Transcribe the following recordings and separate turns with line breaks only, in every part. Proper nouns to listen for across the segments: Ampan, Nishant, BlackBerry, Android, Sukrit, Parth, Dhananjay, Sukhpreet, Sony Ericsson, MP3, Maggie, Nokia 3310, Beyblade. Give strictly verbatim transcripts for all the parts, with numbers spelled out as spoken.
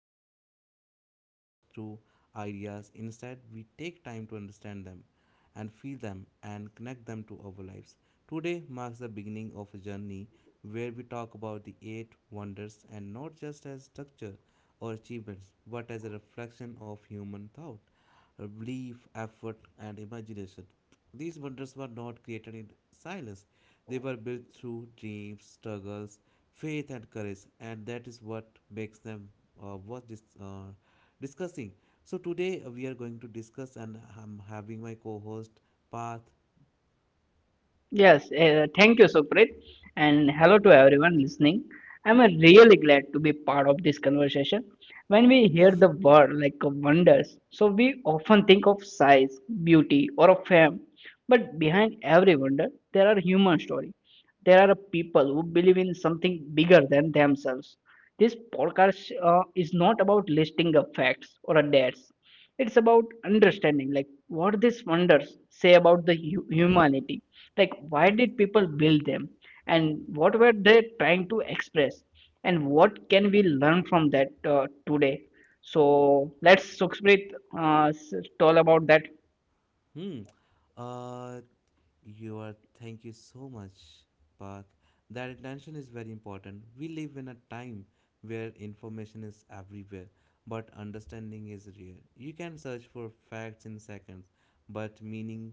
conversation. Here, we do not rush through ideas. Instead, we take time to understand them and feel them and connect them to our lives. Today marks the beginning of a journey where we talk about the eight wonders and not just as structure or achievements, but as a reflection of human thought, belief, effort, and imagination. These wonders were not created in silence. They were built through dreams, struggles, faith, and courage, and that is what makes them uh, worth this, uh, discussing. So today uh, we are going to discuss, and I'm having my co-host Parth.
Yes, uh, thank you, Sukrit, and hello to everyone listening. I'm uh, really glad to be part of this conversation. When we hear the word like uh, wonders, so we often think of size, beauty, or of fame, but behind every wonder, there are human stories. There are people who believe in something bigger than themselves. This podcast uh, is not about listing of facts or a dates, it's about understanding like what these wonders say about the hu- humanity, like why did people build them, and what were they trying to express, and what can we learn from that uh, today. So let's Sukhsprit, uh, s- tell about that.
Hmm. Uh, you are. Thank you so much, Parth. That attention is very important. We live in a time where information is everywhere, but understanding is rare. You can search for facts in seconds, but meaning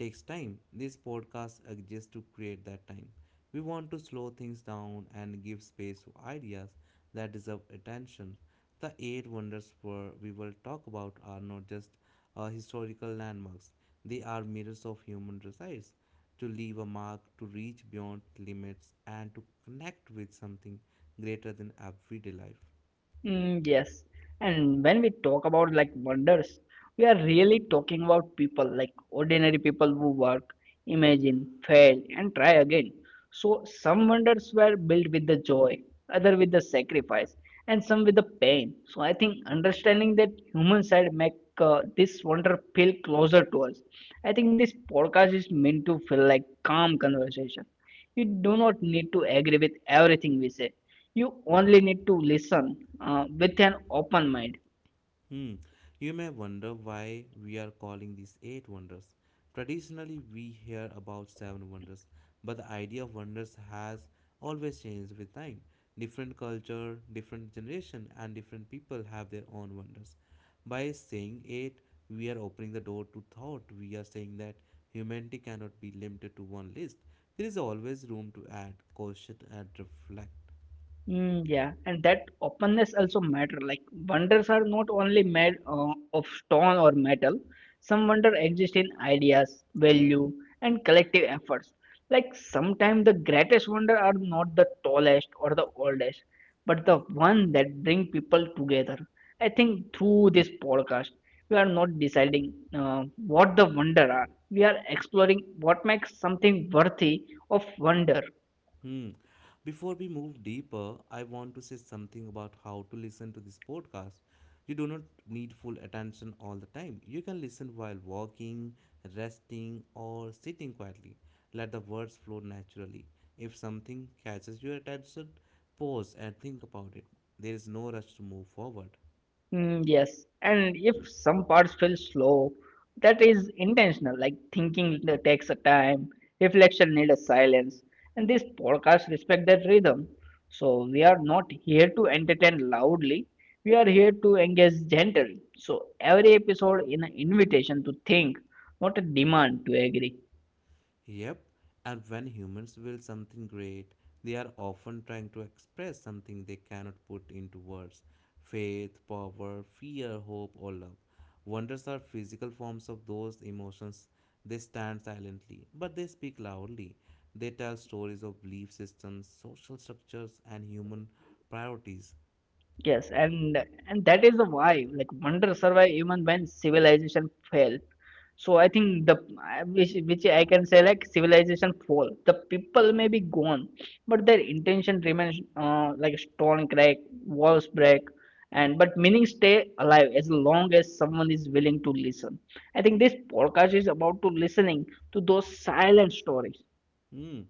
takes time. This podcast exists to create that time. We want to slow things down and give space to ideas that deserve attention. The eight wonders for we will talk about are not just uh, historical landmarks, they are mirrors of human desires to leave a mark, to reach beyond limits, and to connect with something greater than everyday life.
Mm, yes. And when we talk about like wonders, we are really talking about people, like ordinary people who work, imagine, fail, and try again. So some wonders were built with the joy, other with the sacrifice, and some with the pain. So I think understanding that human side make uh, this wonder feel closer to us. I think this podcast is meant to feel like calm conversation. You do not need to agree with everything we say. You only need to listen uh, with an open mind.
Hmm. You may wonder why we are calling these eight wonders. Traditionally, we hear about seven wonders, but the idea of wonders has always changed with time. Different culture, different generation, and different people have their own wonders. By saying eight, we are opening the door to thought. We are saying that humanity cannot be limited to one list. There is always room to add, question, and reflect.
Mm, yeah, and that openness also matter. Like wonders are not only made uh, of stone or metal. Some wonder exist in ideas, value, and collective efforts. Like sometimes the greatest wonder are not the tallest or the oldest, but the one that bring people together. I think through this podcast, we are not deciding uh, what the wonder are. We are exploring what makes something worthy of wonder.
Hmm. Before we move deeper, I want to say something about how to listen to this podcast. You do not need full attention all the time. You can listen while walking, resting, or sitting quietly. Let the words flow naturally. If something catches your attention, pause and think about it. There is no rush to move forward.
Mm, yes, and if some parts feel slow, that is intentional, like thinking that takes a time, reflection needs a silence, and this podcast respect that rhythm. So we are not here to entertain loudly, we are here to engage gently. So every episode is an invitation to think, not a demand to agree.
Yep, and when humans will something great, they are often trying to express something they cannot put into words: faith, power, fear, hope, or love. Wonders are physical forms of those emotions. They stand silently, but they speak loudly. They tell stories of belief systems, social structures, and human priorities.
Yes, and and that is the why like wonder survive even when civilization fell. So I think the I- which which I can say like civilization fall. The people may be gone, but their intention remains uh, like stone crack, walls break, and but meaning stay alive as long as someone is willing to listen. I think this podcast is about to listening to those silent stories.
Hmm.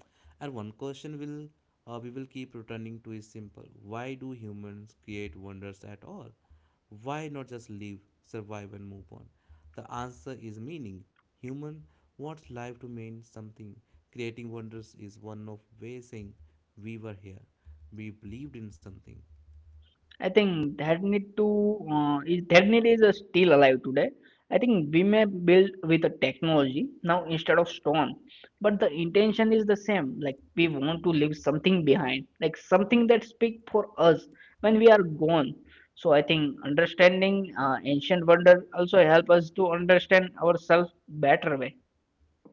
And one question will uh, we will keep returning to is simple. Why do humans create wonders at all? Why not just live, survive and move on? The answer is meaning. Human wants life to mean something. Creating wonders is one of ways saying we were here. We believed in something.
I think that need to uh, is that need is uh, still alive today. I think we may build with a technology now instead of stone, but the intention is the same. Like we want to leave something behind, like something that speak for us when we are gone. So I think understanding uh, ancient wonder also help us to understand ourselves better way.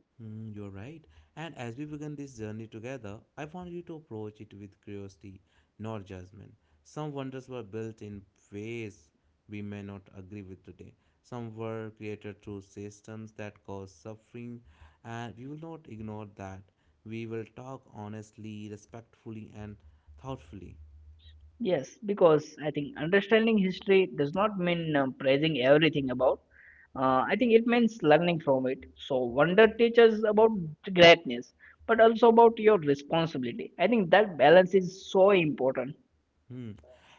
Hmm, you're right. And as we began this journey together, I want you to approach it with curiosity, not judgment. Some wonders were built in ways we may not agree with today. Some were created through systems that cause suffering, and we will not ignore that. We will talk honestly, respectfully, and thoughtfully.
Yes, because I think understanding history does not mean uh, praising everything about. Uh, I think it means learning from it. So wonder teaches about greatness, but also about your responsibility. I think that balance is so important.
Hmm.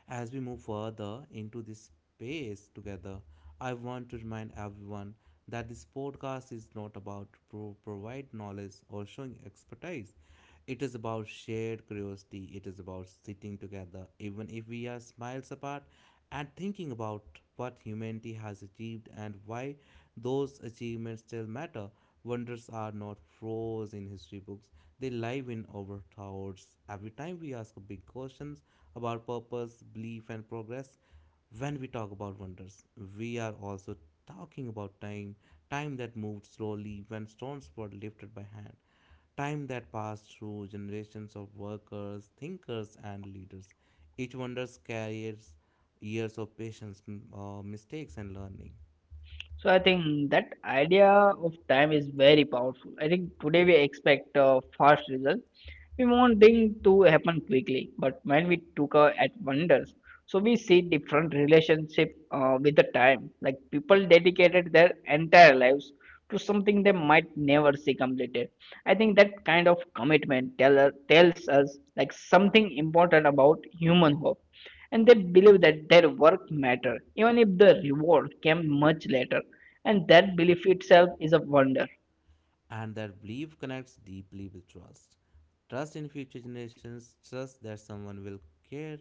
As we move further into this space together, I want to remind everyone that this podcast is not about pro- provide knowledge or showing expertise. It is about shared curiosity. It is about sitting together, even if we are miles apart, and thinking about what humanity has achieved and why those achievements still matter. Wonders are not froze in history books. They live in our thoughts. Every time we ask big questions about purpose, belief, and progress, when we talk about wonders, we are also talking about time, time that moved slowly when stones were lifted by hand, time that passed through generations of workers, thinkers, and leaders. Each wonders carries years of patience, m- uh, mistakes, and learning.
So I think that idea of time is very powerful. I think today we expect a fast result. We want things to happen quickly, but when we took a at wonders, so we see different relationship uh, with the time. Like people dedicated their entire lives to something they might never see completed. I think that kind of commitment tell, tells us like something important about human hope, and they believe that their work matter even if the reward came much later, and that belief itself is a wonder.
And that belief connects deeply with trust. Trust in future generations, trust that someone will care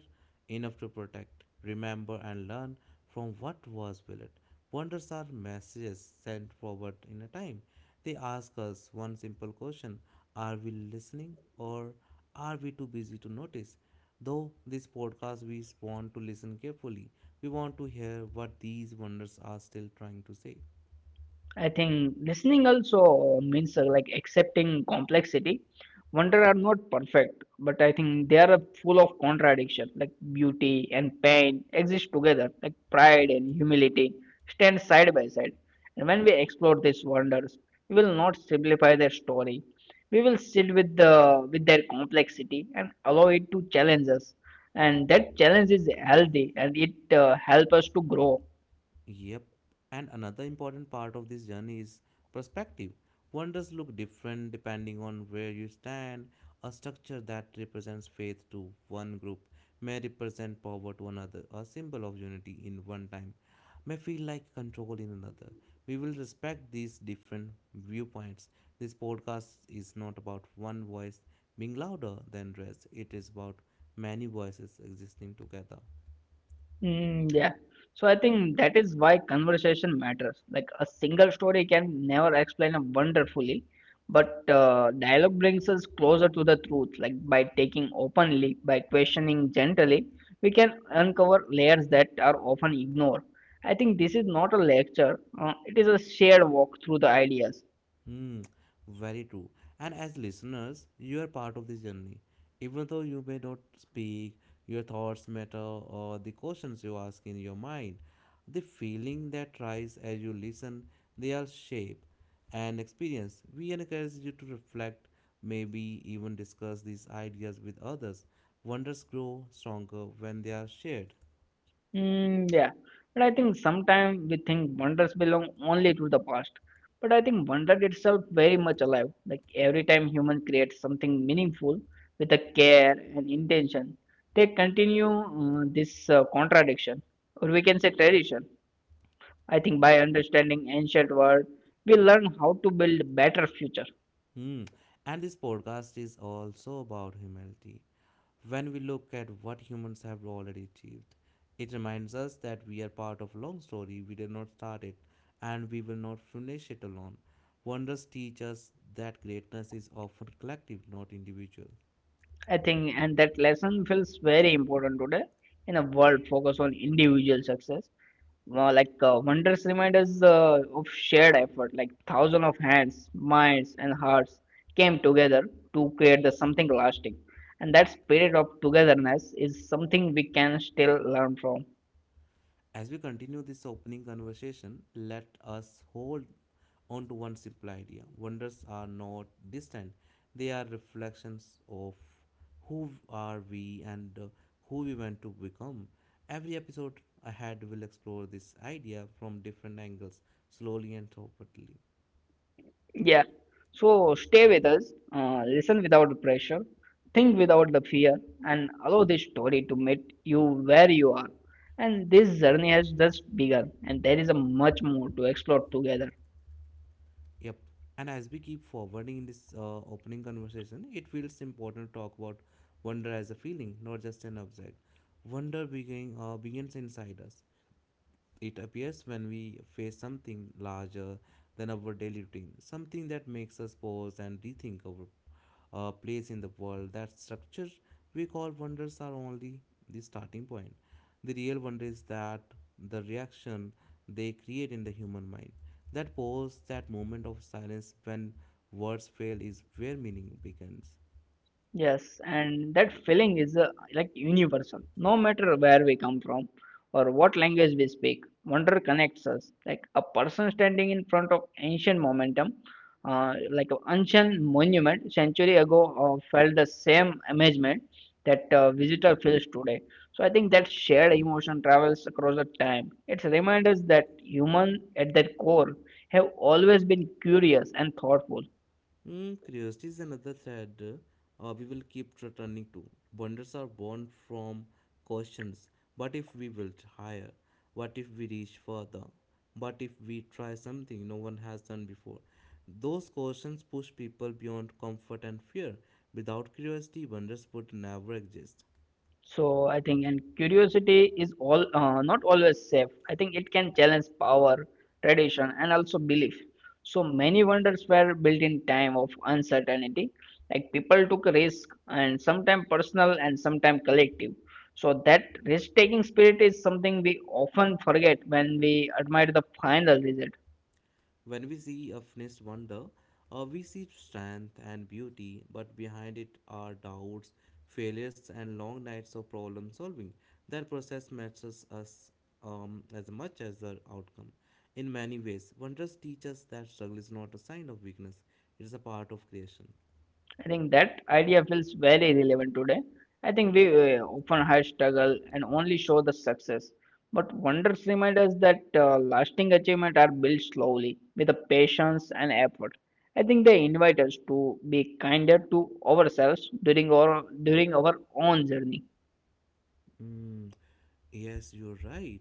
enough to protect, remember, and learn from what was built. Wonders are messages sent forward in a time. They ask us one simple question: are we listening, or are we too busy to notice? Though this podcast, we want to listen carefully. We want to hear what these wonders are still trying to say.
I think listening also means uh, like accepting complexity. Wonder are not perfect, but I think they are full of contradiction. Like beauty and pain exist together. Like pride and humility stand side by side. And when we explore these wonders, we will not simplify their story. We will sit with the with their complexity and allow it to challenge us. And that challenge is healthy, and it uh, helps us to grow.
Yep. And another important part of this journey is perspective. Wonders look different depending on where you stand. A structure that represents faith to one group may represent power to another. A symbol of unity in one time may feel like control in another. We will respect these different viewpoints. This podcast is not about one voice being louder than rest, it is about many voices existing together.
Mm, yeah. So I think that is why conversation matters. Like a single story can never explain a wonder fully, but uh, dialogue brings us closer to the truth. Like by taking openly, by questioning gently, we can uncover layers that are often ignored. I think this is not a lecture, uh, it is a shared walk through the ideas.
Hmm, very true. And as listeners, you are part of this journey. Even though you may not speak, your thoughts matter, or the questions you ask in your mind, the feeling that rise as you listen, they all shape and experience. We encourage you to reflect, maybe even discuss these ideas with others. Wonders grow stronger when they are shared.
Mm, yeah, but I think sometimes we think wonders belong only to the past. But I think wonder itself very much alive. Like every time human creates something meaningful with a care and intention, they continue uh, this uh, contradiction, or we can say tradition. I think by understanding ancient world, we learn how to build better future.
Hmm. And this podcast is also about humility. When we look at what humans have already achieved, it reminds us that we are part of a long story. We did not start it, and we will not finish it alone. Wonders teach us that greatness is often collective, not individual.
I think, and that lesson feels very important today in a world focused on individual success. Well, like uh, wonders remind us uh, of shared effort, like thousands of hands, minds, and hearts came together to create the something lasting, and that spirit of togetherness is something we can still learn from.
As we continue this opening conversation, let us hold on to one simple idea. Wonders are not distant, they are reflections of who are we and uh, who we want to become. Every episode ahead will explore this idea from different angles, slowly and thoughtfully.
Yeah, so stay with us, uh, listen without pressure, think without the fear, and allow this story to meet you where you are. And this journey has just begun, and there is a much more to explore together.
Yep. And as we keep forwarding in this uh, opening conversation, it feels important to talk about wonder as a feeling, not just an object. Wonder begin, uh, begins inside us. It appears when we face something larger than our daily routine, something that makes us pause and rethink our uh, place in the world. That structure we call wonders are only the starting point. The real wonder is that the reaction they create in the human mind. That pause, that moment of silence when words fail, is where meaning begins.
Yes, and that feeling is uh, like universal. No matter where we come from or what language we speak, wonder connects us. Like a person standing in front of ancient momentum, uh, like an ancient monument century ago, uh, felt the same amazement that uh, visitor feels today. So I think that shared emotion travels across the time. It reminds us that human at their core have always been curious and thoughtful.
Hmm, curiosity is another thread uh, we will keep returning to. Wonders are born from questions. What if we build higher? What if we reach further? What if we try something no one has done before? Those questions push people beyond comfort and fear. Without curiosity, wonders would never exist.
So I think, and curiosity is all uh, not always safe. I think it can challenge power, tradition, and also belief. So many wonders were built in time of uncertainty. Like people took risk, and sometimes personal, and sometimes collective. So that risk-taking spirit is something we often forget when we admire the final result.
When we see a finished wonder, uh, we see strength and beauty, but behind it are doubts, failures, and long nights of problem solving. That process matters us um, as much as the outcome. In many ways, wonders teach us that struggle is not a sign of weakness, it is a part of creation.
I think that idea feels very relevant today. I think we uh, often hide struggle and only show the success. But wonders remind us that uh, lasting achievement are built slowly with the patience and effort. I think they invite us to be kinder to ourselves during our during our own journey.
Mm, yes, you're right.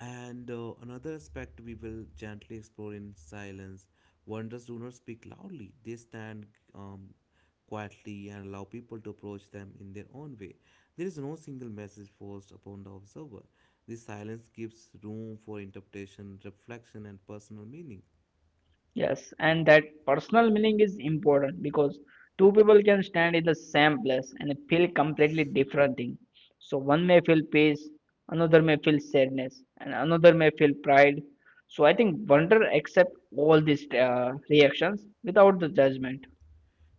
And uh, another aspect we will gently explore in silence: wonders do not speak loudly, they stand um, quietly and allow people to approach them in their own way. There is no single message forced upon the observer. This silence gives room for interpretation, reflection, and personal meaning.
Yes, and that personal meaning is important because two people can stand in the same place and feel completely different thing. So one may feel peace, another may feel sadness, and another may feel pride. So I think wonder accept all these uh, reactions without the judgment.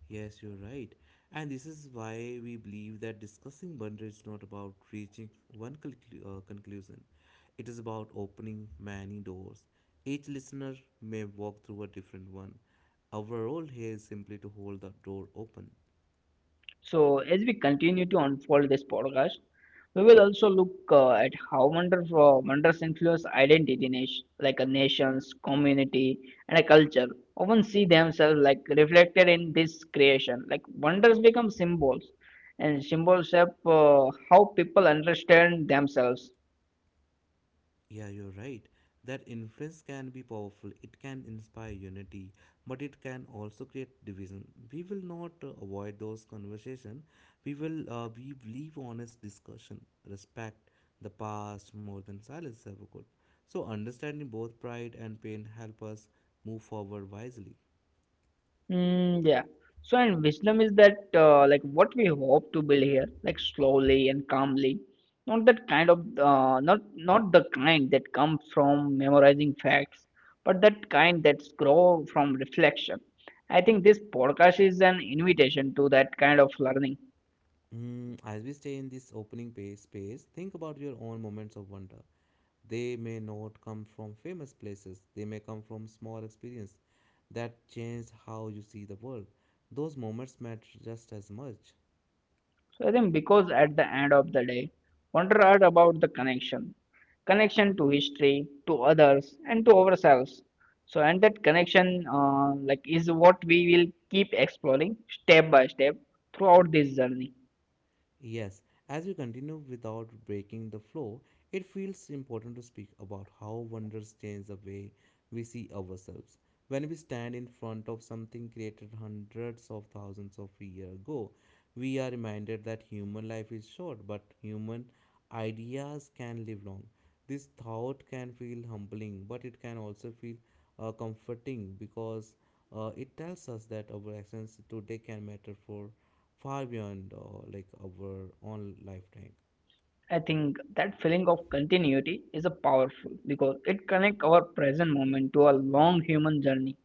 Yes, you're right. And this is why we believe that discussing boundaries is not about reaching one conclu- uh, conclusion. It is about opening many doors. Each listener may walk through a different one. Our role here is simply to hold the door open.
So, as we continue to unfold this podcast, we will also look uh, at how wonderful wonders influence identity, nation, like a nation's community and a culture. Often see themselves like reflected in this creation. Like wonders become symbols, and symbols shape uh, how people understand themselves.
Yeah, you're right. That influence can be powerful. It can inspire unity, but it can also create division. We will not uh, avoid those conversations. We will uh, we leave honest discussion, respect the past more than silence ever could. So understanding both pride and pain help us move forward wisely.
Mm, yeah. So, and wisdom is that uh, like what we hope to build here, like slowly and calmly, not that kind of uh, not not the kind that comes from memorizing facts, but that kind that's grow from reflection. I think this podcast is an invitation to that kind of learning.
Mm, as we stay in this opening pa- space, think about your own moments of wonder. They may not come from famous places, they may come from small experience that changed how you see the world. Those moments matter just as much.
So I think because at the end of the day, wonder are about the connection, connection to history, to others, and to ourselves. So and that connection, uh, like, is what we will keep exploring step by step throughout this journey.
Yes, as we continue without breaking the flow, it feels important to speak about how wonders change the way we see ourselves. When we stand in front of something created hundreds of thousands of years ago, we are reminded that human life is short, but human ideas can live long. This thought can feel humbling, but it can also feel uh, comforting because uh, it tells us that our actions today can matter for far beyond uh, like our own lifetime.
I think that feeling of continuity is a powerful because it connects our present moment to a long human journey.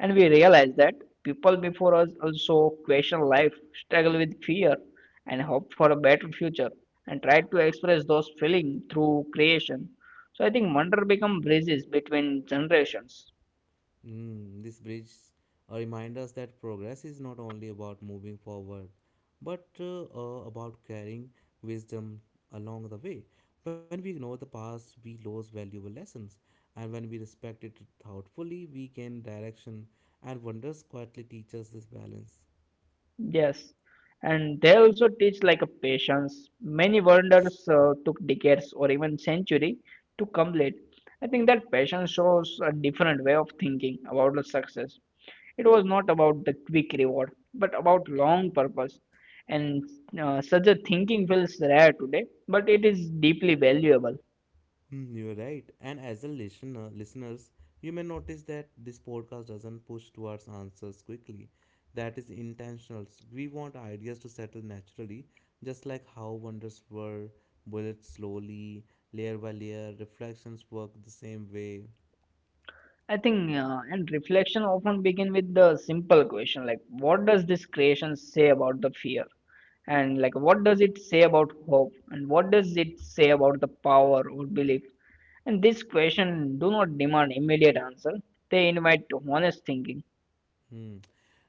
And we realize that people before us also question life, struggle with fear, and hope for a better future, and try to express those feelings through creation. So I think wonder become bridges between generations.
Mm, this bridge uh, reminds us that progress is not only about moving forward, but uh, uh, about carrying wisdom along the way. When we ignore the past, we lose valuable lessons, and when we respect it thoughtfully, we gain direction. And wonders quietly teach us this balance.
Yes, and they also teach like a patience. Many wonders uh, took decades or even century to complete. I think that patience shows a different way of thinking about the success. It was not about the quick reward, but about long purpose. And uh, such a thinking feels rare today, but it is deeply valuable.
Mm, You're right. And as a listener, listeners, you may notice that this podcast doesn't push towards answers quickly. That is intentional. We want ideas to settle naturally, just like how wonders were built slowly, layer by layer. Reflections work the same way.
I think, uh, and reflection often begin with the simple question like, what does this creation say about the fear? And like, what does it say about hope? And what does it say about the power or belief? And this question do not demand immediate answer. They invite honest thinking.
Hmm.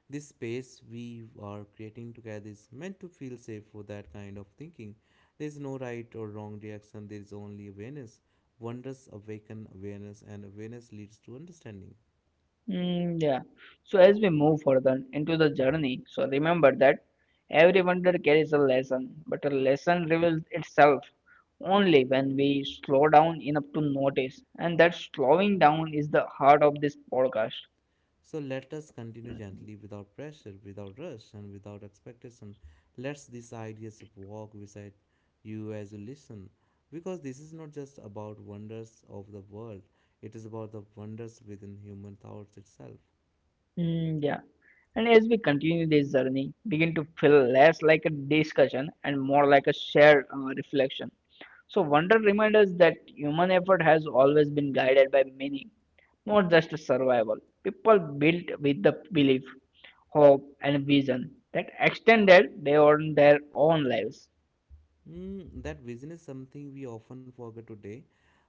This space we are creating together is meant to feel safe for that kind of thinking. There is no right or wrong reaction, there is only awareness. Wonders awaken awareness, and awareness leads to understanding.
Mm, yeah. So as we move further into the journey, so remember that every wonder carries a lesson, but a lesson reveals itself only when we slow down enough to notice. And that slowing down is the heart of this podcast.
So let us continue gently, without pressure, without rush, and without expectation. Let these ideas walk beside you as you listen, because this is not just about wonders of the world, it is about the wonders within human thoughts itself.
Mm, yeah. And as we continue this journey, begin to feel less like a discussion and more like a shared uh, reflection. So, wonder reminds us that human effort has always been guided by meaning, not just survival. People built with the belief, hope, and vision that extended beyond their own lives.
Mm, that vision is something we often forget today.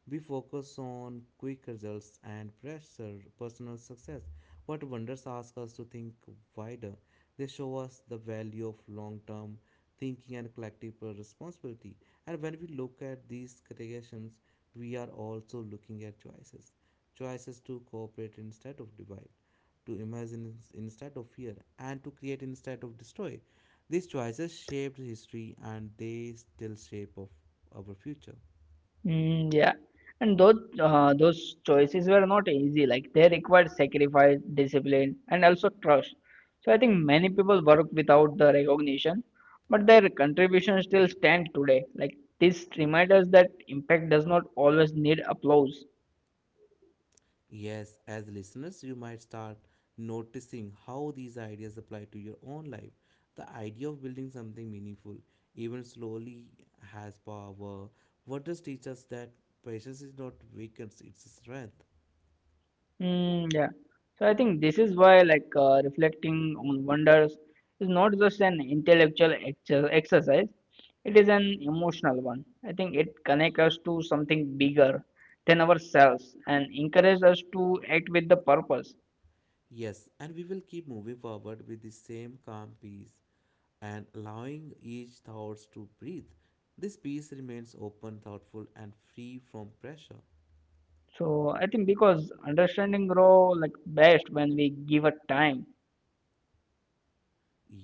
We focus on quick results and pressure personal success. But wonders ask us to think wider. They show us the value of long term thinking and collective responsibility. And when we look at these creations, we are also looking at choices choices to cooperate instead of divide, to imagine ins- instead of fear, and to create instead of destroy. These choices shaped history and they still shape of our future.
Mm, yeah, and those uh, those choices were not easy. Like they required sacrifice, discipline, and also trust. So I think many people work without the recognition, but their contribution still stand today. Like this reminds us that impact does not always need applause.
Yes, as listeners, you might start noticing how these ideas apply to your own life. The idea of building something meaningful, even slowly, has power. What does teach us that patience is not weakness, it's a strength?
Mm, yeah. So I think this is why, like, uh, reflecting on wonders is not just an intellectual ex exercise, it is an emotional one. I think it connects us to something bigger than ourselves and encourages us to act with the purpose.
Yes, and we will keep moving forward with the same calm peace and allowing each thoughts to breathe. This peace remains open, thoughtful, and free from pressure.
So I think because understanding grow like best when we give a time.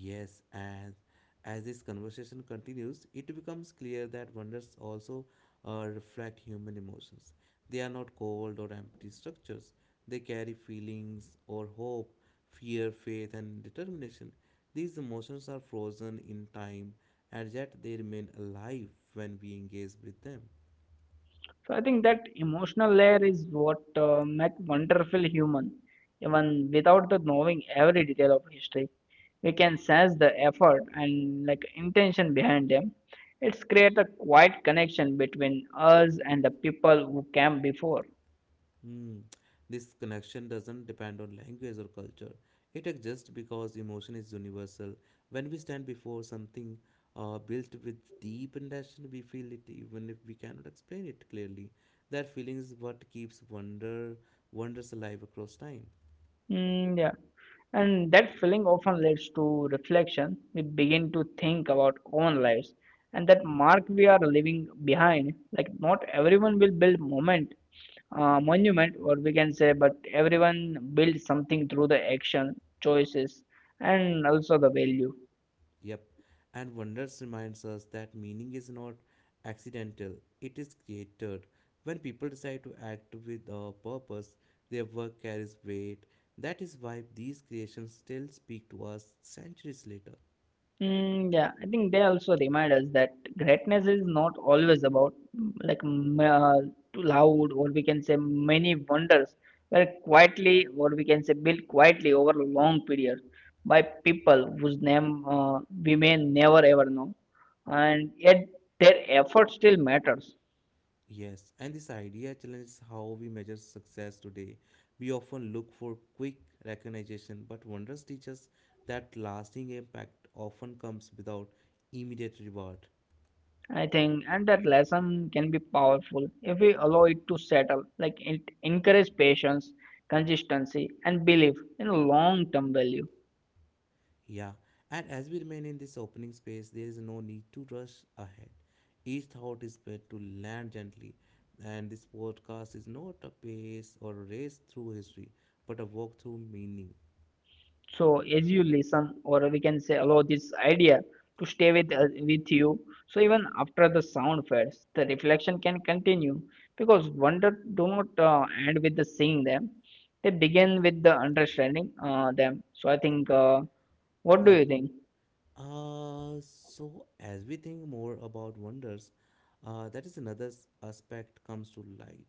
Yes, and as this conversation continues, it becomes clear that wonders also uh, reflect human emotions. They are not cold or empty structures, they carry feelings or hope, fear, faith, and determination. These emotions are frozen in time, and yet they remain alive when we engage with them.
So I think that emotional layer is what uh, make wonderful human. Even without the knowing every detail of history, we can sense the effort and like intention behind them. It's create a quiet connection between us and the people who came before.
Hmm. This connection doesn't depend on language or culture. It exists because emotion is universal. When we stand before something uh, built with deep intention, we feel it even if we cannot explain it clearly. That feeling is what keeps wonder wonders alive across time.
Mm, yeah. And that feeling often leads to reflection. We begin to think about own lives and that mark we are leaving behind. Like not everyone will build moment, uh, monument, or we can say, but everyone builds something through the action, choices, and also the value.
Yep. And Wonders reminds us that meaning is not accidental, it is created. When people decide to act with a purpose, their work carries weight. That is why these creations still speak to us centuries later.
Mm, yeah, I think they also remind us that greatness is not always about like m- uh, too loud, or we can say many wonders, were quietly, or we can say built quietly over a long period by people whose name uh, we may never ever know, and yet their effort still matters.
Yes, and this idea challenges how we measure success today. We often look for quick recognition, but Wonders teaches that lasting impact often comes without immediate reward.
I think, and that lesson can be powerful if we allow it to settle, like it encourage patience, consistency, and belief in long-term value.
Yeah, and as we remain in this opening space, there is no need to rush ahead. Each thought is meant to land gently, and this podcast is not a pace or a race through history, but a walk through meaning.
So as you listen or we can say allow this idea to stay with uh, with you, so even after the sound fades the reflection can continue, because wonder do not uh, end with the seeing them, they begin with the understanding uh, them. So i think uh, what do
Yep.
you think?
Uh, so as we think more about wonders, uh, that is another s- aspect comes to light,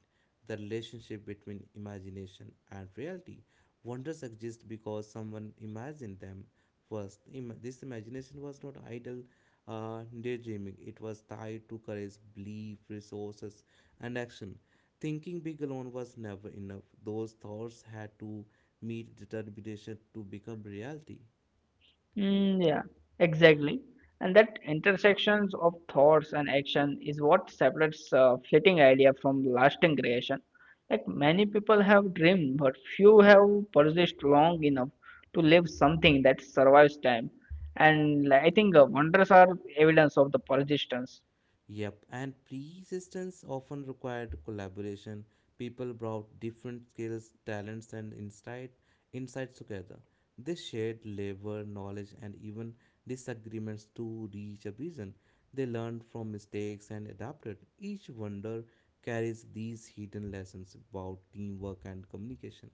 the relationship between imagination and reality. Wonders exist because someone imagined them first. Im- this imagination was not idle uh, daydreaming. It was tied to courage, belief, resources, and action. Thinking big alone was never enough. Those thoughts had to meet determination to become reality.
Mm, yeah, exactly. And that intersections of thoughts and action is what separates a fleeting idea from lasting creation. Like many people have dreamed, but few have persisted long enough to live something that survives time. And like, I think uh, wonders are evidence of the persistence.
Yep, and persistence often required collaboration. People brought different skills, talents, and insight insights together. They shared labor, knowledge, and even disagreements to reach a vision. They learned from mistakes and adapted. Each wonder carries these hidden lessons about teamwork and communication.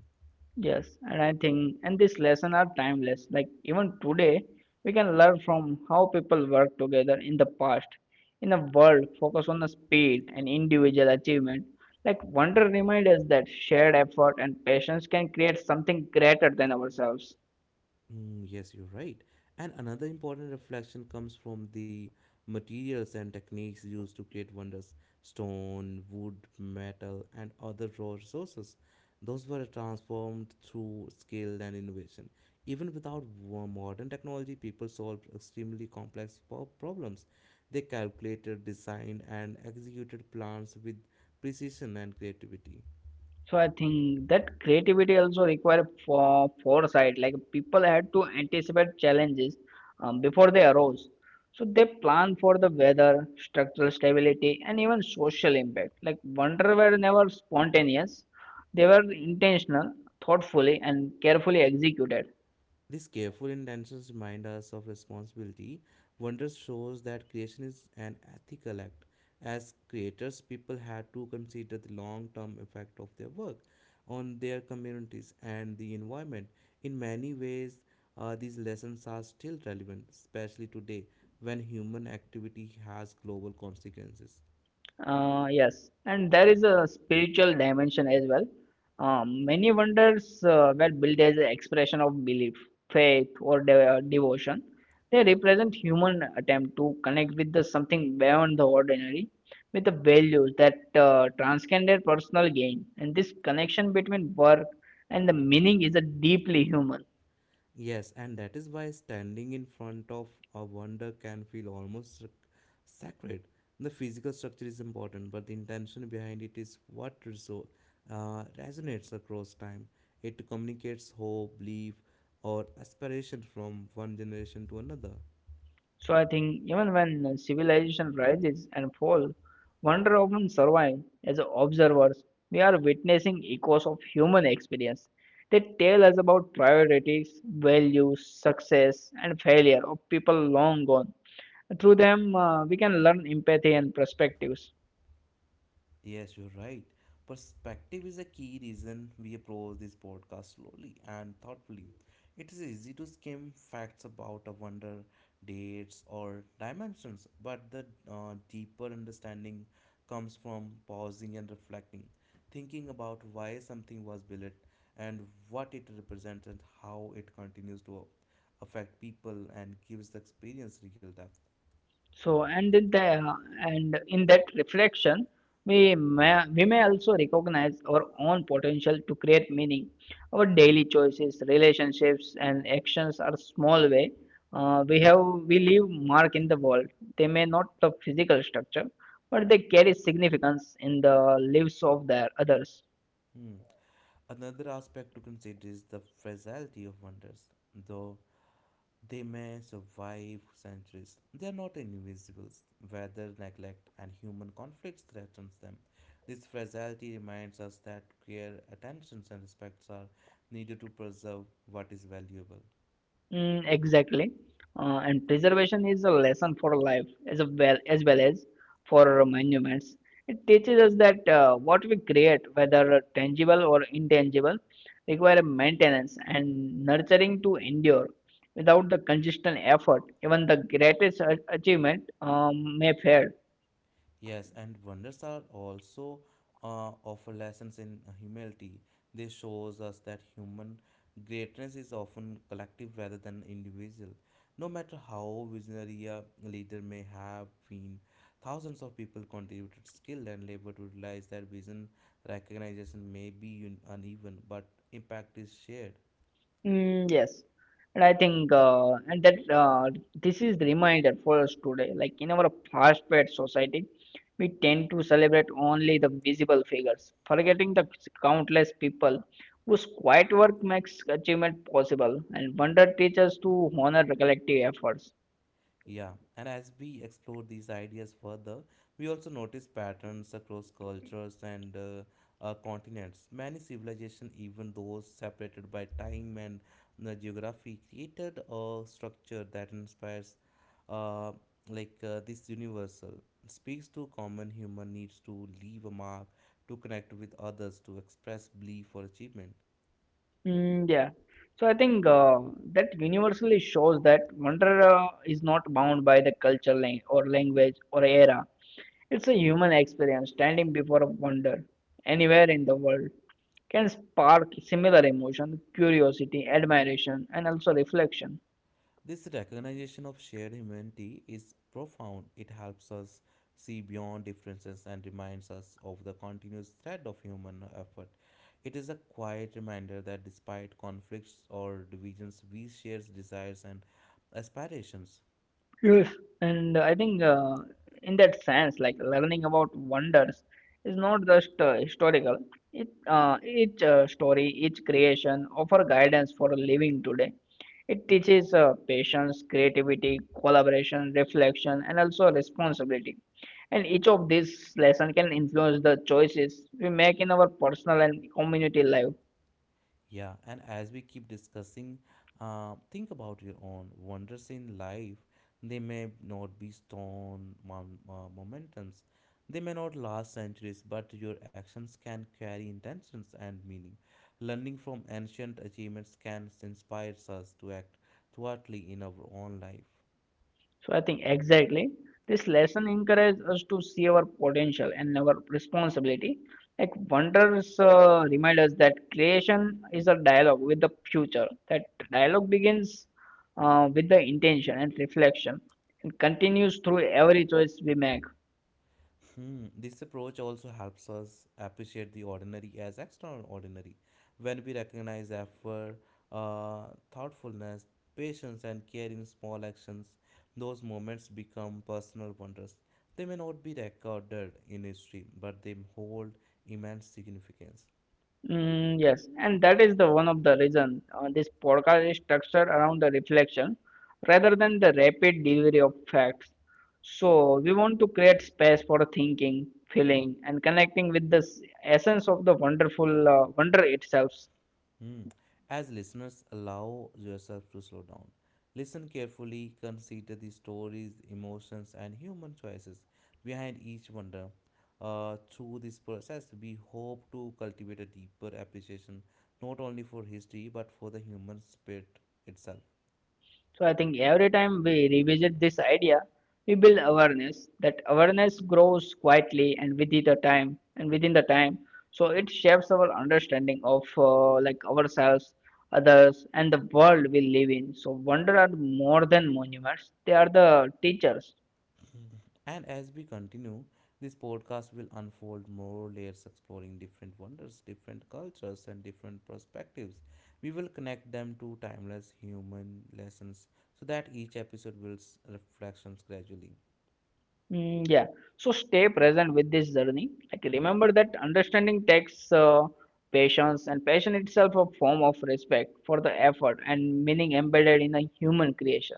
Yes, and I think and these lessons are timeless. Like even today, we can learn from how people work together in the past. In a world focused on the speed and individual achievement, like Wonder reminds us that shared effort and patience can create something greater than ourselves.
Mm, yes, you're right. And another important reflection comes from the materials and techniques used to create wonders: stone, wood, metal, and other raw resources. Those were transformed through skill and innovation. Even without wo- modern technology, people solved extremely complex po- problems. They calculated, designed, and executed plans with precision and creativity.
So I think that creativity also require for foresight. Like people had to anticipate challenges um, before they arose. So they plan for the weather, structural stability, and even social impact. Like wonder were never spontaneous; they were intentional, thoughtfully, and carefully executed.
These careful intentions remind us of responsibility. Wonder shows that creation is an ethical act. As creators, people had to consider the long term effect of their work on their communities and the environment. In many ways, uh, these lessons are still relevant, especially today when human activity has global consequences.
Uh, yes, and there is a spiritual dimension as well. Um, many wonders uh, were built as an expression of belief, faith, or de- uh, devotion. They represent human attempt to connect with the something beyond the ordinary, with the values that uh, transcend their personal gain. And this connection between work and the meaning is a deeply human.
Yes, and that is why standing in front of a wonder can feel almost sac- sacred. The physical structure is important, but the intention behind it is what reso- uh, resonates across time. It communicates hope, belief, or aspiration from one generation to another.
So I think even when civilization rises and falls, wonder often survive as observers. We are witnessing echoes of human experience. They tell us about priorities, values, success, and failure of people long gone. Through them, uh, we can learn empathy and perspectives.
Yes, you're right. Perspective is a key reason we approach this podcast slowly and thoughtfully. It is easy to skim facts about a wonder, dates, or dimensions, but the uh, deeper understanding comes from pausing and reflecting, thinking about why something was built and what it represents and how it continues to affect people and gives the experience real depth.
So, and in the and in that reflection, we may, we may also recognize our own potential to create meaning. Our daily choices, relationships, and actions are small way. Uh, we have we leave mark in the world. They may not the physical structure, but they carry significance in the lives of their others.
Hmm. Another aspect to consider is the fragility of wonders. Though they may survive centuries, they are not invisible. Weather, neglect, and human conflicts threatens them. This fragility reminds us that care, attention, and respects are needed to preserve what is valuable.
Mm, exactly. Uh, and preservation is a lesson for life as a well as well as for monuments. It teaches us that uh, what we create, whether tangible or intangible, require maintenance and nurturing to endure. Without the consistent effort, even the greatest a- achievement um, may fail.
Yes, and wonders are also uh, offer lessons in humility. This shows us that human greatness is often collective rather than individual. No matter how visionary a leader may have been, thousands of people contributed skill and labor to realize that vision. Recognition may be un- uneven, but impact is shared.
Mm, yes, and I think uh, and that uh, this is the reminder for us today. Like in our fast-paced society, we tend to celebrate only the visible figures, forgetting the countless people whose quiet work makes achievement possible, and wonder teachers to honor the collective efforts.
Yeah, and as we explore these ideas further, we also notice patterns across cultures and uh, uh, continents. Many civilizations, even those separated by time and uh, geography, created a structure that inspires, uh, like uh, this universal, speaks to common human needs to leave a mark, to connect with others, to express belief or achievement.
Mm, yeah, so I think uh, that universally shows that wonder uh, is not bound by the culture lang- or language or era. It's a human experience standing before a wonder anywhere in the world can spark similar emotion, curiosity, admiration, and also reflection.
This recognition of shared humanity is profound. It helps us see beyond differences and reminds us of the continuous thread of human effort. It is a quiet reminder that despite conflicts or divisions, we share desires and aspirations.
Yes, and I think uh, in that sense, like learning about wonders is not just uh, historical. It uh, each uh, story, each creation offer guidance for living today. It teaches uh, patience, creativity, collaboration, reflection, and also responsibility. And each of these lessons can influence the choices we make in our personal and community life.
Yeah, and as we keep discussing, uh, think about your own wonders in life. They may not be stone mom- uh, momentums, they may not last centuries, but your actions can carry intentions and meaning. Learning from ancient achievements can inspire us to act thoughtfully in our own life.
So I think exactly this lesson encourages us to see our potential and our responsibility. Like wonders uh, remind us that creation is a dialogue with the future. That dialogue begins uh, with the intention and reflection and continues through every choice we make.
Hmm. This approach also helps us appreciate the ordinary as extraordinary. When we recognize effort, uh, thoughtfulness, patience, and care in small actions, those moments become personal wonders. They may not be recorded in history, but they hold immense significance.
Mm, yes, and that is the one of the reason uh, this podcast is structured around the reflection rather than the rapid delivery of facts. So we want to create space for thinking, feeling, and connecting with the s- essence of the wonderful uh, wonder itself.
Hmm. As listeners, allow yourself to slow down. Listen carefully, consider the stories, emotions, and human choices behind each wonder. Uh, through this process, we hope to cultivate a deeper appreciation not only for history but for the human spirit itself.
So I think every time we revisit this idea, we build awareness. That awareness grows quietly and within the time and within the time. So it shapes our understanding of uh, like ourselves, others, and the world we live in. So wonder are more than monuments; they are the teachers.
And as we continue, this podcast will unfold more layers exploring different wonders, different cultures, and different perspectives. We will connect them to timeless human lessons so that each episode builds reflections gradually.
Mm, yeah. So stay present with this journey. Like remember that understanding takes uh, patience, and patience itself a form of respect for the effort and meaning embedded in a human creation.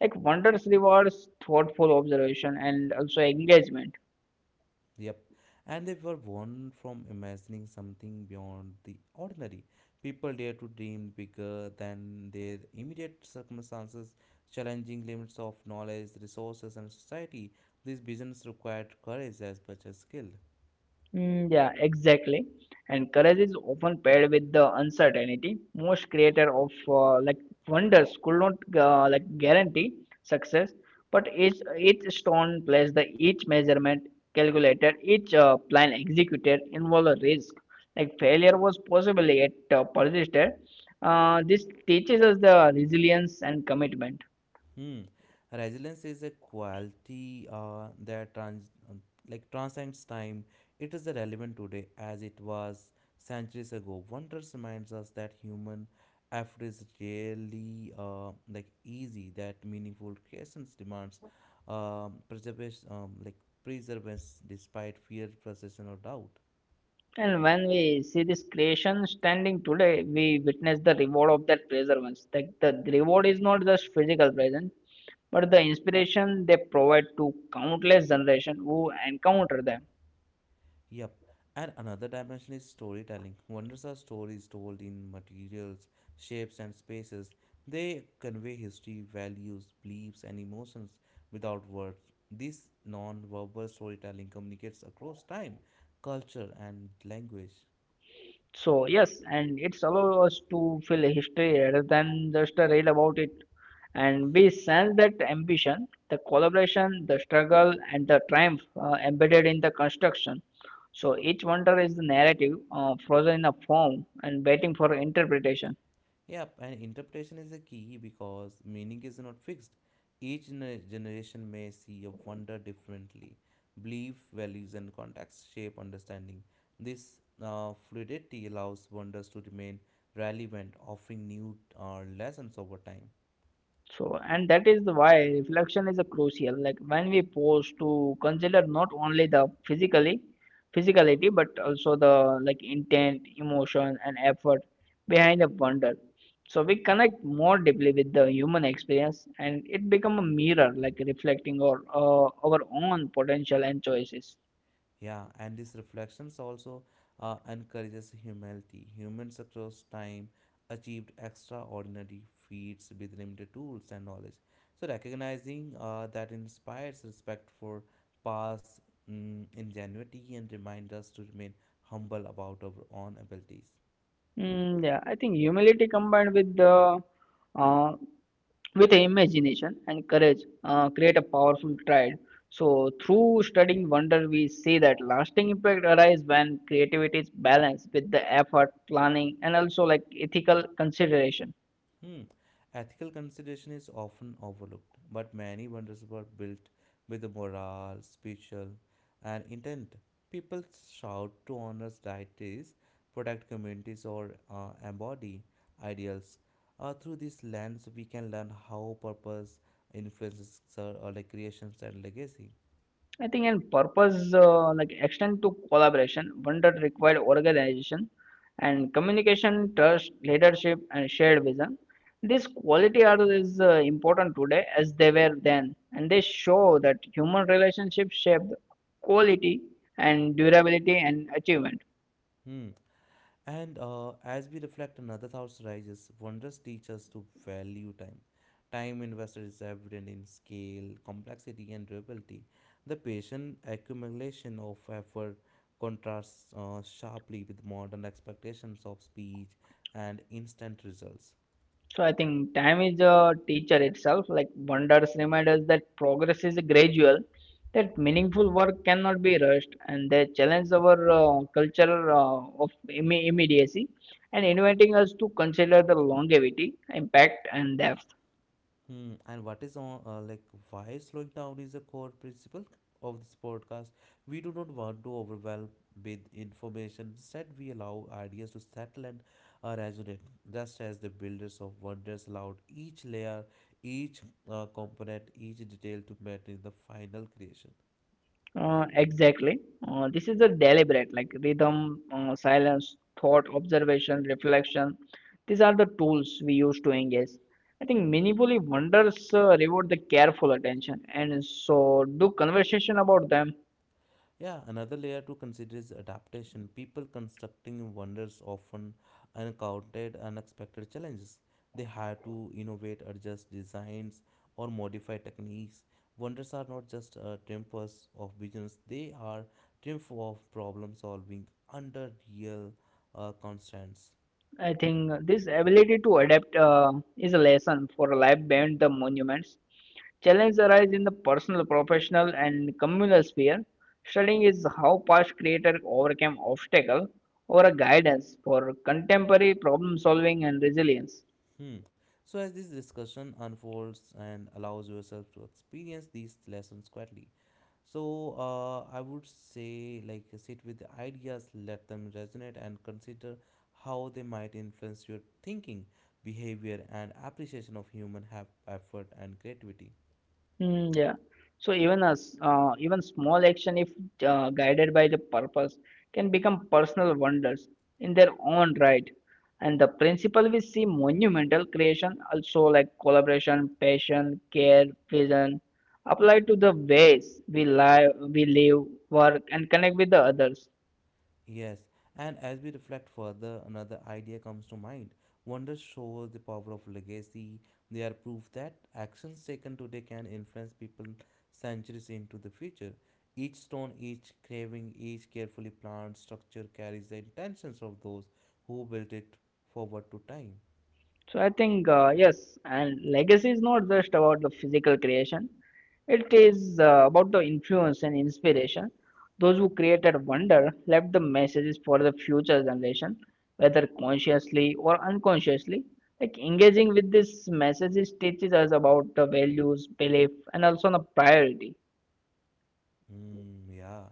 Like wonders rewards thoughtful observation and also engagement.
Yep, and they were born from imagining something beyond the ordinary. People dare to dream bigger than their immediate circumstances, challenging limits of knowledge, resources, and society. These visions required courage as much as skill.
Mm, yeah, exactly. And courage is often paired with the uncertainty. Most creator of uh, like wonders could not uh, like guarantee success, but each each stone placed, the each measurement calculated, each uh, plan executed involved a risk. Like failure was possible yet uh, persisted. Uh, this teaches us the resilience and commitment.
Hmm. Resilience is a quality uh, that trans uh, like transcends time. It is relevant today as it was centuries ago. Wonders reminds us that human effort is rarely uh, like easy. That meaningful creations demands um, preservation um, like preservance despite fear, frustration, or doubt.
And when we see this creation standing today, we witness the reward of that perseverance. Like the reward is not just physical present, but the inspiration they provide to countless generations who encounter them.
Yep. And another dimension is storytelling. Wonders are stories told in materials, shapes, and spaces. They convey history, values, beliefs, and emotions without words. This non verbal storytelling communicates across time, culture, and language.
So yes, and it's allow us to feel a history rather than just a read about it. And we sense that ambition, the collaboration, the struggle, and the triumph uh, embedded in the construction. So each wonder is the narrative uh, frozen in a form and waiting for interpretation.
Yeah, and interpretation is a key because meaning is not fixed. Each gener- generation may see a wonder differently. Belief, values, and context shape understanding. This uh, fluidity allows wonders to remain relevant, offering new uh, lessons over time.
So, and that is why reflection is a crucial. Like when we pause to consider not only the physically physicality but also the like intent, emotion, and effort behind the wonder. So we connect more deeply with the human experience, and it become a mirror, like reflecting our uh, our own potential and choices.
Yeah, and these reflections also uh, encourages humility. Humans across time achieved extraordinary feats with limited tools and knowledge. So recognizing uh, that inspires respect for past mm, ingenuity and reminds us to remain humble about our own abilities.
Mm, yeah, I think humility combined with the uh, with imagination and courage uh, create a powerful triad. So through studying wonder we see that lasting impact arises when creativity is balanced with the effort planning and also like ethical consideration.
Hmm. Ethical consideration is often overlooked, but many wonders were built with the morale, spiritual, and intent. People shout to honor deities, protect communities, or uh, embody ideals. Uh, through this lens, we can learn how purpose influences uh, like creations and legacy.
I think and purpose uh, like extend to collaboration, one that required organization and communication, trust, leadership, and shared vision. These quality are is uh, important today as they were then, and they show that human relationships shape the quality and durability and achievement.
Hmm. And uh, As we reflect another thought arises: wonders teach us to value time. Time invested is evident in scale, complexity, and durability. The patient accumulation of effort contrasts uh, sharply with modern expectations of speed and instant results.
So I think time is a teacher itself. Like wonders remind us that progress is gradual, that meaningful work cannot be rushed, and they challenge our uh, culture uh, of imme- immediacy and inviting us to consider the longevity, impact, and depth.
Hmm, and what is on uh, like Why slowing down is a core principle of this podcast. We do not want to overwhelm with information. Instead, we allow ideas to settle and uh, resonate, just as the builders of wonders allowed each layer, each uh, component, each detail to matter in the final creation.
Uh, exactly. Uh, this is a deliberate, like rhythm, uh, silence, thought, observation, reflection. These are the tools we use to engage. I think meaningfully wonders uh, reward the careful attention, and so do conversation about them.
Yeah, another layer to consider is adaptation. People constructing wonders often encountered unexpected challenges. They had to innovate, adjust designs, or modify techniques. Wonders are not just uh, triumphs of business, they are triumph of problem solving under real uh, constraints.
I think this ability to adapt uh, is a lesson for life beyond the monuments. Challenges arise in the personal, professional, and communal sphere. Studying is how past creators overcame obstacles or a guidance for contemporary problem solving and resilience.
Hmm. So, as this discussion unfolds and allows yourself to experience these lessons quietly, so uh, I would say, like, sit with the ideas, let them resonate, and consider how they might influence your thinking, behavior, and appreciation of human hap- effort and creativity.
Mm, yeah. So even as uh, even small action, if uh, guided by the purpose, can become personal wonders in their own right. And the principle we see monumental creation also like collaboration, passion, care, vision, applied to the ways we live, we live, work, and connect with the others.
Yes, and as we reflect further, another idea comes to mind. Wonders shows the power of legacy. They are proof that actions taken today can influence people centuries into the future. Each stone, each carving, each carefully planned structure carries the intentions of those who built it forward to time.
So I think uh, yes, and legacy is not just about the physical creation. It is uh, about the influence and inspiration. Those who created wonder left the messages for the future generation, whether consciously or unconsciously. Like engaging with these messages teaches us about the values, belief, and also the priority.
Mm, yeah.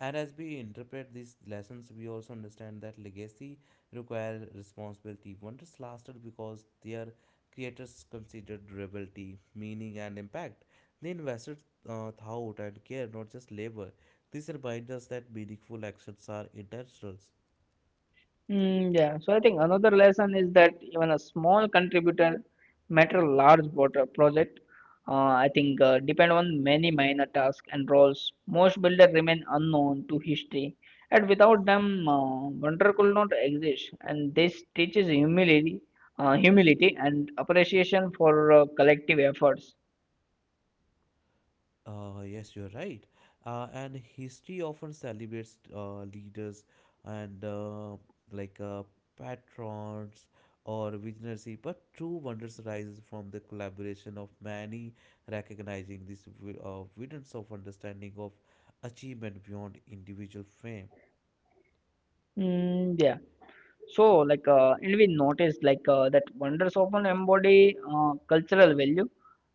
And as we interpret these lessons, we also understand that legacy require responsibility. Wonders lasted because their creators considered durability, meaning, and impact. They invested uh, thought and care, not just labor. This reminds us that meaningful actions are intentional.
Mm, yeah. So I think another lesson is that even a small contributor matter large water project. Uh, I think uh, depend on many minor tasks and roles. Most builders remain unknown to history, and without them, uh, wonder could not exist. And this teaches humility, uh, humility and appreciation for uh, collective efforts.
Uh, yes, you're right. Uh, and history often celebrates uh, leaders and uh, like uh, patrons or visionary, but true wonders arises from the collaboration of many, recognizing this wi- uh, evidence of understanding of achievement beyond individual fame.
Mm, yeah. So, like, uh, and we noticed like uh, that wonders often embody uh, cultural value,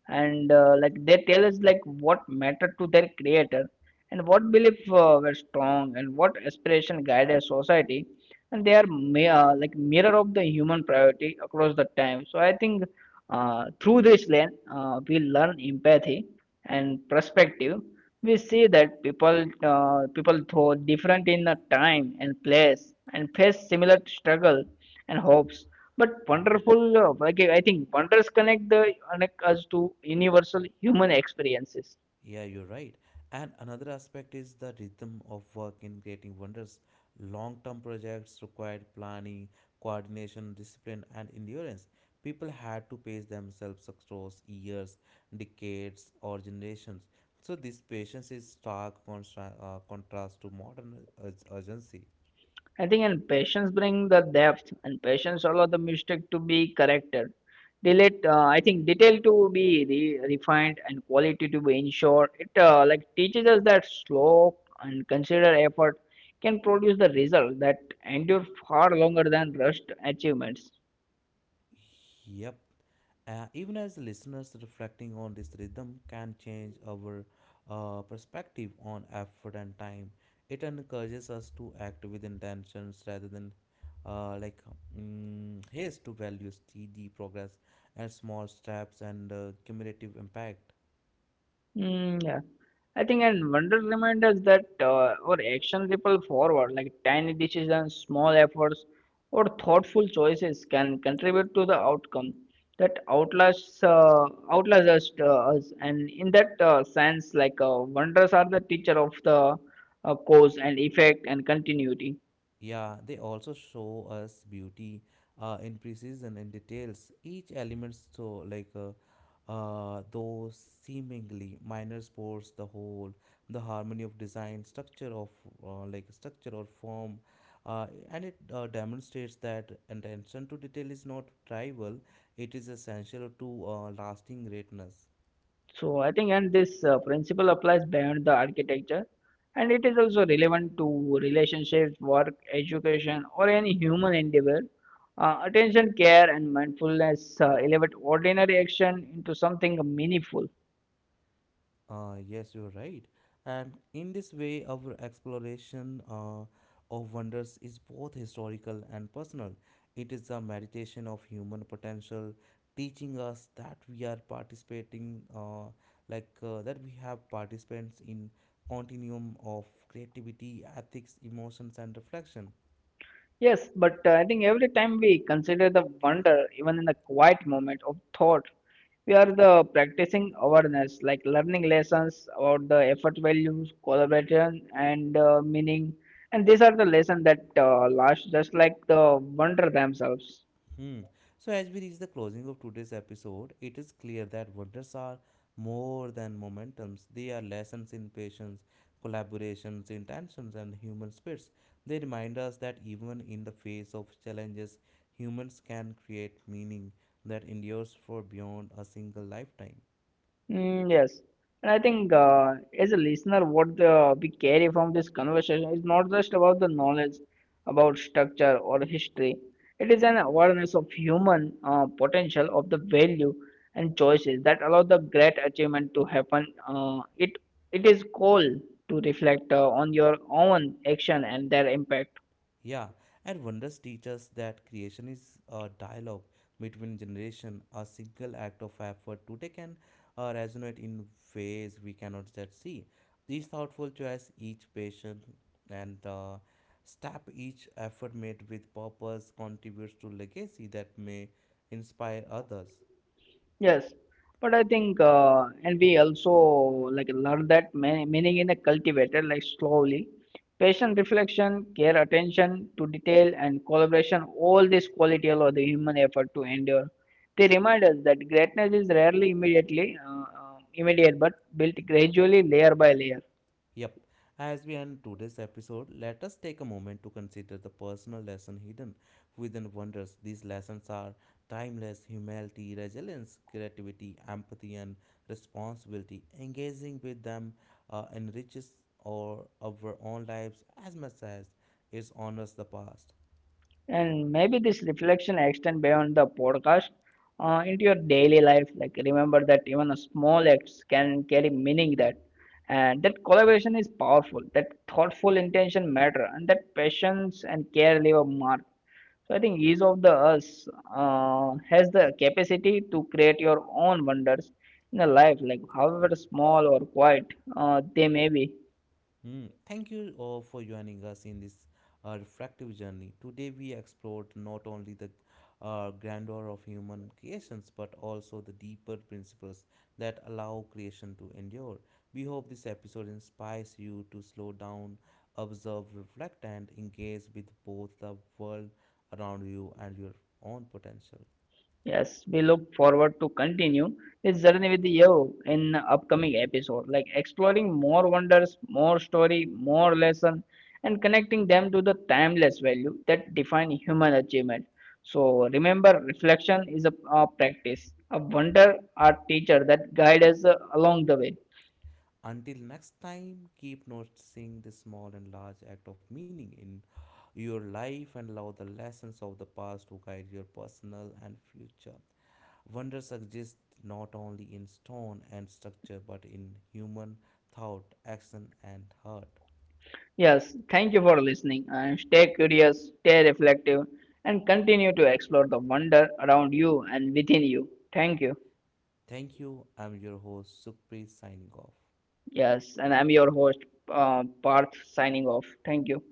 and uh, like they tell us like what mattered to their creator, and what belief uh, were strong, and what aspiration guided society, and they are ma- uh, like mirror of the human priority across the time. So I think uh, through this lens uh, we learn empathy and perspective. We see that people uh, people though different in the time and place and face similar struggle and hopes, but wonderful uh, like I think wonders connect the connect us to universal human experiences.
Yeah, you're right. And another aspect is the rhythm of work in creating wonders. Long term projects required planning, coordination, discipline, and endurance. People had to pace themselves across years, decades, or generations. So, this patience is stark contra- uh, contrast to modern ur- urgency.
I think and patience bring the depth, and patience allow the mistake to be corrected. Delete, uh, I think detail to be re- refined and quality to be ensured. It uh, like teaches us that slow and considered effort can produce the result that endure far longer than rushed achievements.
Yep. Uh, even as the listeners reflecting on this rhythm can change our uh, perspective on effort and time, it encourages us to act with intentions rather than uh, like mm, haste to value steady progress and small steps and uh, cumulative impact.
Mm, yeah. I think and wonder remind us that uh, our actions ripple forward, like tiny decisions, small efforts, or thoughtful choices can contribute to the outcome that outlasts uh, outlasts us, uh, us. And in that uh, sense, like uh, wonders are the teacher of the uh, cause and effect and continuity.
Yeah, they also show us beauty uh, in precision and details. Each element, so like uh, uh, those seemingly minor sports, the whole, the harmony of design, structure of uh, like structure or form, uh, and it uh, demonstrates that attention to detail is not trivial. It is essential to uh, lasting greatness.
So I think, and this uh, principle applies beyond the architecture, and it is also relevant to relationships, work, education, or any human endeavor. Uh, attention, care, and mindfulness uh, elevate ordinary action into something meaningful.
Uh, yes, you're right. And in this way, our exploration uh, of wonders is both historical and personal. It is a meditation of human potential, teaching us that we are participating, uh, like uh, that we have participants in continuum of creativity, ethics, emotions, and reflection.
Yes, but uh, I think every time we consider the wonder, even in the quiet moment of thought, we are the practicing awareness, like learning lessons about the effort values, collaboration, and uh, meaning. And these are the lessons that uh, last, just like the wonder themselves.
Hmm. So, as we reach the closing of today's episode, it is clear that wonders are more than momentums. They are lessons in patience, collaborations, intentions, and human spirits. They remind us that even in the face of challenges, humans can create meaning that endures for beyond a single lifetime.
Mm, yes, and I think uh, as a listener, what uh, we carry from this conversation is not just about the knowledge about structure or history. It is an awareness of human uh, potential, of the value and choices that allow the great achievement to happen. Uh, it it is call to reflect uh, on your own action and their impact.
Yeah, and wonders teach us that creation is a dialogue between generation. A single act of effort today can uh, resonate in ways we cannot yet see. Each thoughtful choice, each patient and uh, step, each effort made with purpose contributes to legacy that may inspire others.
Yes, but I think, uh, and we also like learn that ma- meaning in a cultivated like slowly, patient reflection, care, attention to detail, and collaboration. All this quality allow the human effort to endure. They remind us that greatness is rarely immediately uh, uh, immediate, but built gradually, layer by layer.
Yep, as we end today's episode, let us take a moment to consider the personal lesson hidden within wonders. These lessons are timeless humility, resilience, creativity, empathy, and responsibility. Engaging with them uh, enriches our, our own lives as much as it honors the past.
And maybe this reflection extend beyond the podcast uh, into your daily life. Like remember that even a small acts can carry meaning that, and that collaboration is powerful. That thoughtful intention matter, and that patience and care leave a mark. So I think each of the us uh, has the capacity to create your own wonders in a life, like however small or quiet uh, they may be.
Hmm, thank you uh, for joining us in this uh, reflective journey. Today, we explored not only the uh, grandeur of human creations but also the deeper principles that allow creation to endure. We hope this episode inspires you to slow down, observe, reflect, and engage with both the world around you and your own potential.
Yes, we look forward to continue this journey with you in upcoming episode, like exploring more wonders, more story, more lesson, and connecting them to the timeless value that define human achievement. So remember, reflection is a, a practice, a wonder, a teacher that guides us uh, along the way.
Until next time, keep noticing the small and large act of meaning in your life and allow the lessons of the past to guide your personal and future. Wonders exist not only in stone and structure but in human thought, action, and heart.
Yes, thank you for listening and stay curious, stay reflective, and continue to explore the wonder around you and within you. Thank you.
Thank you. I'm your host, Sukhpreet, signing off.
Yes, and I'm your host, uh, Parth, signing off. Thank you.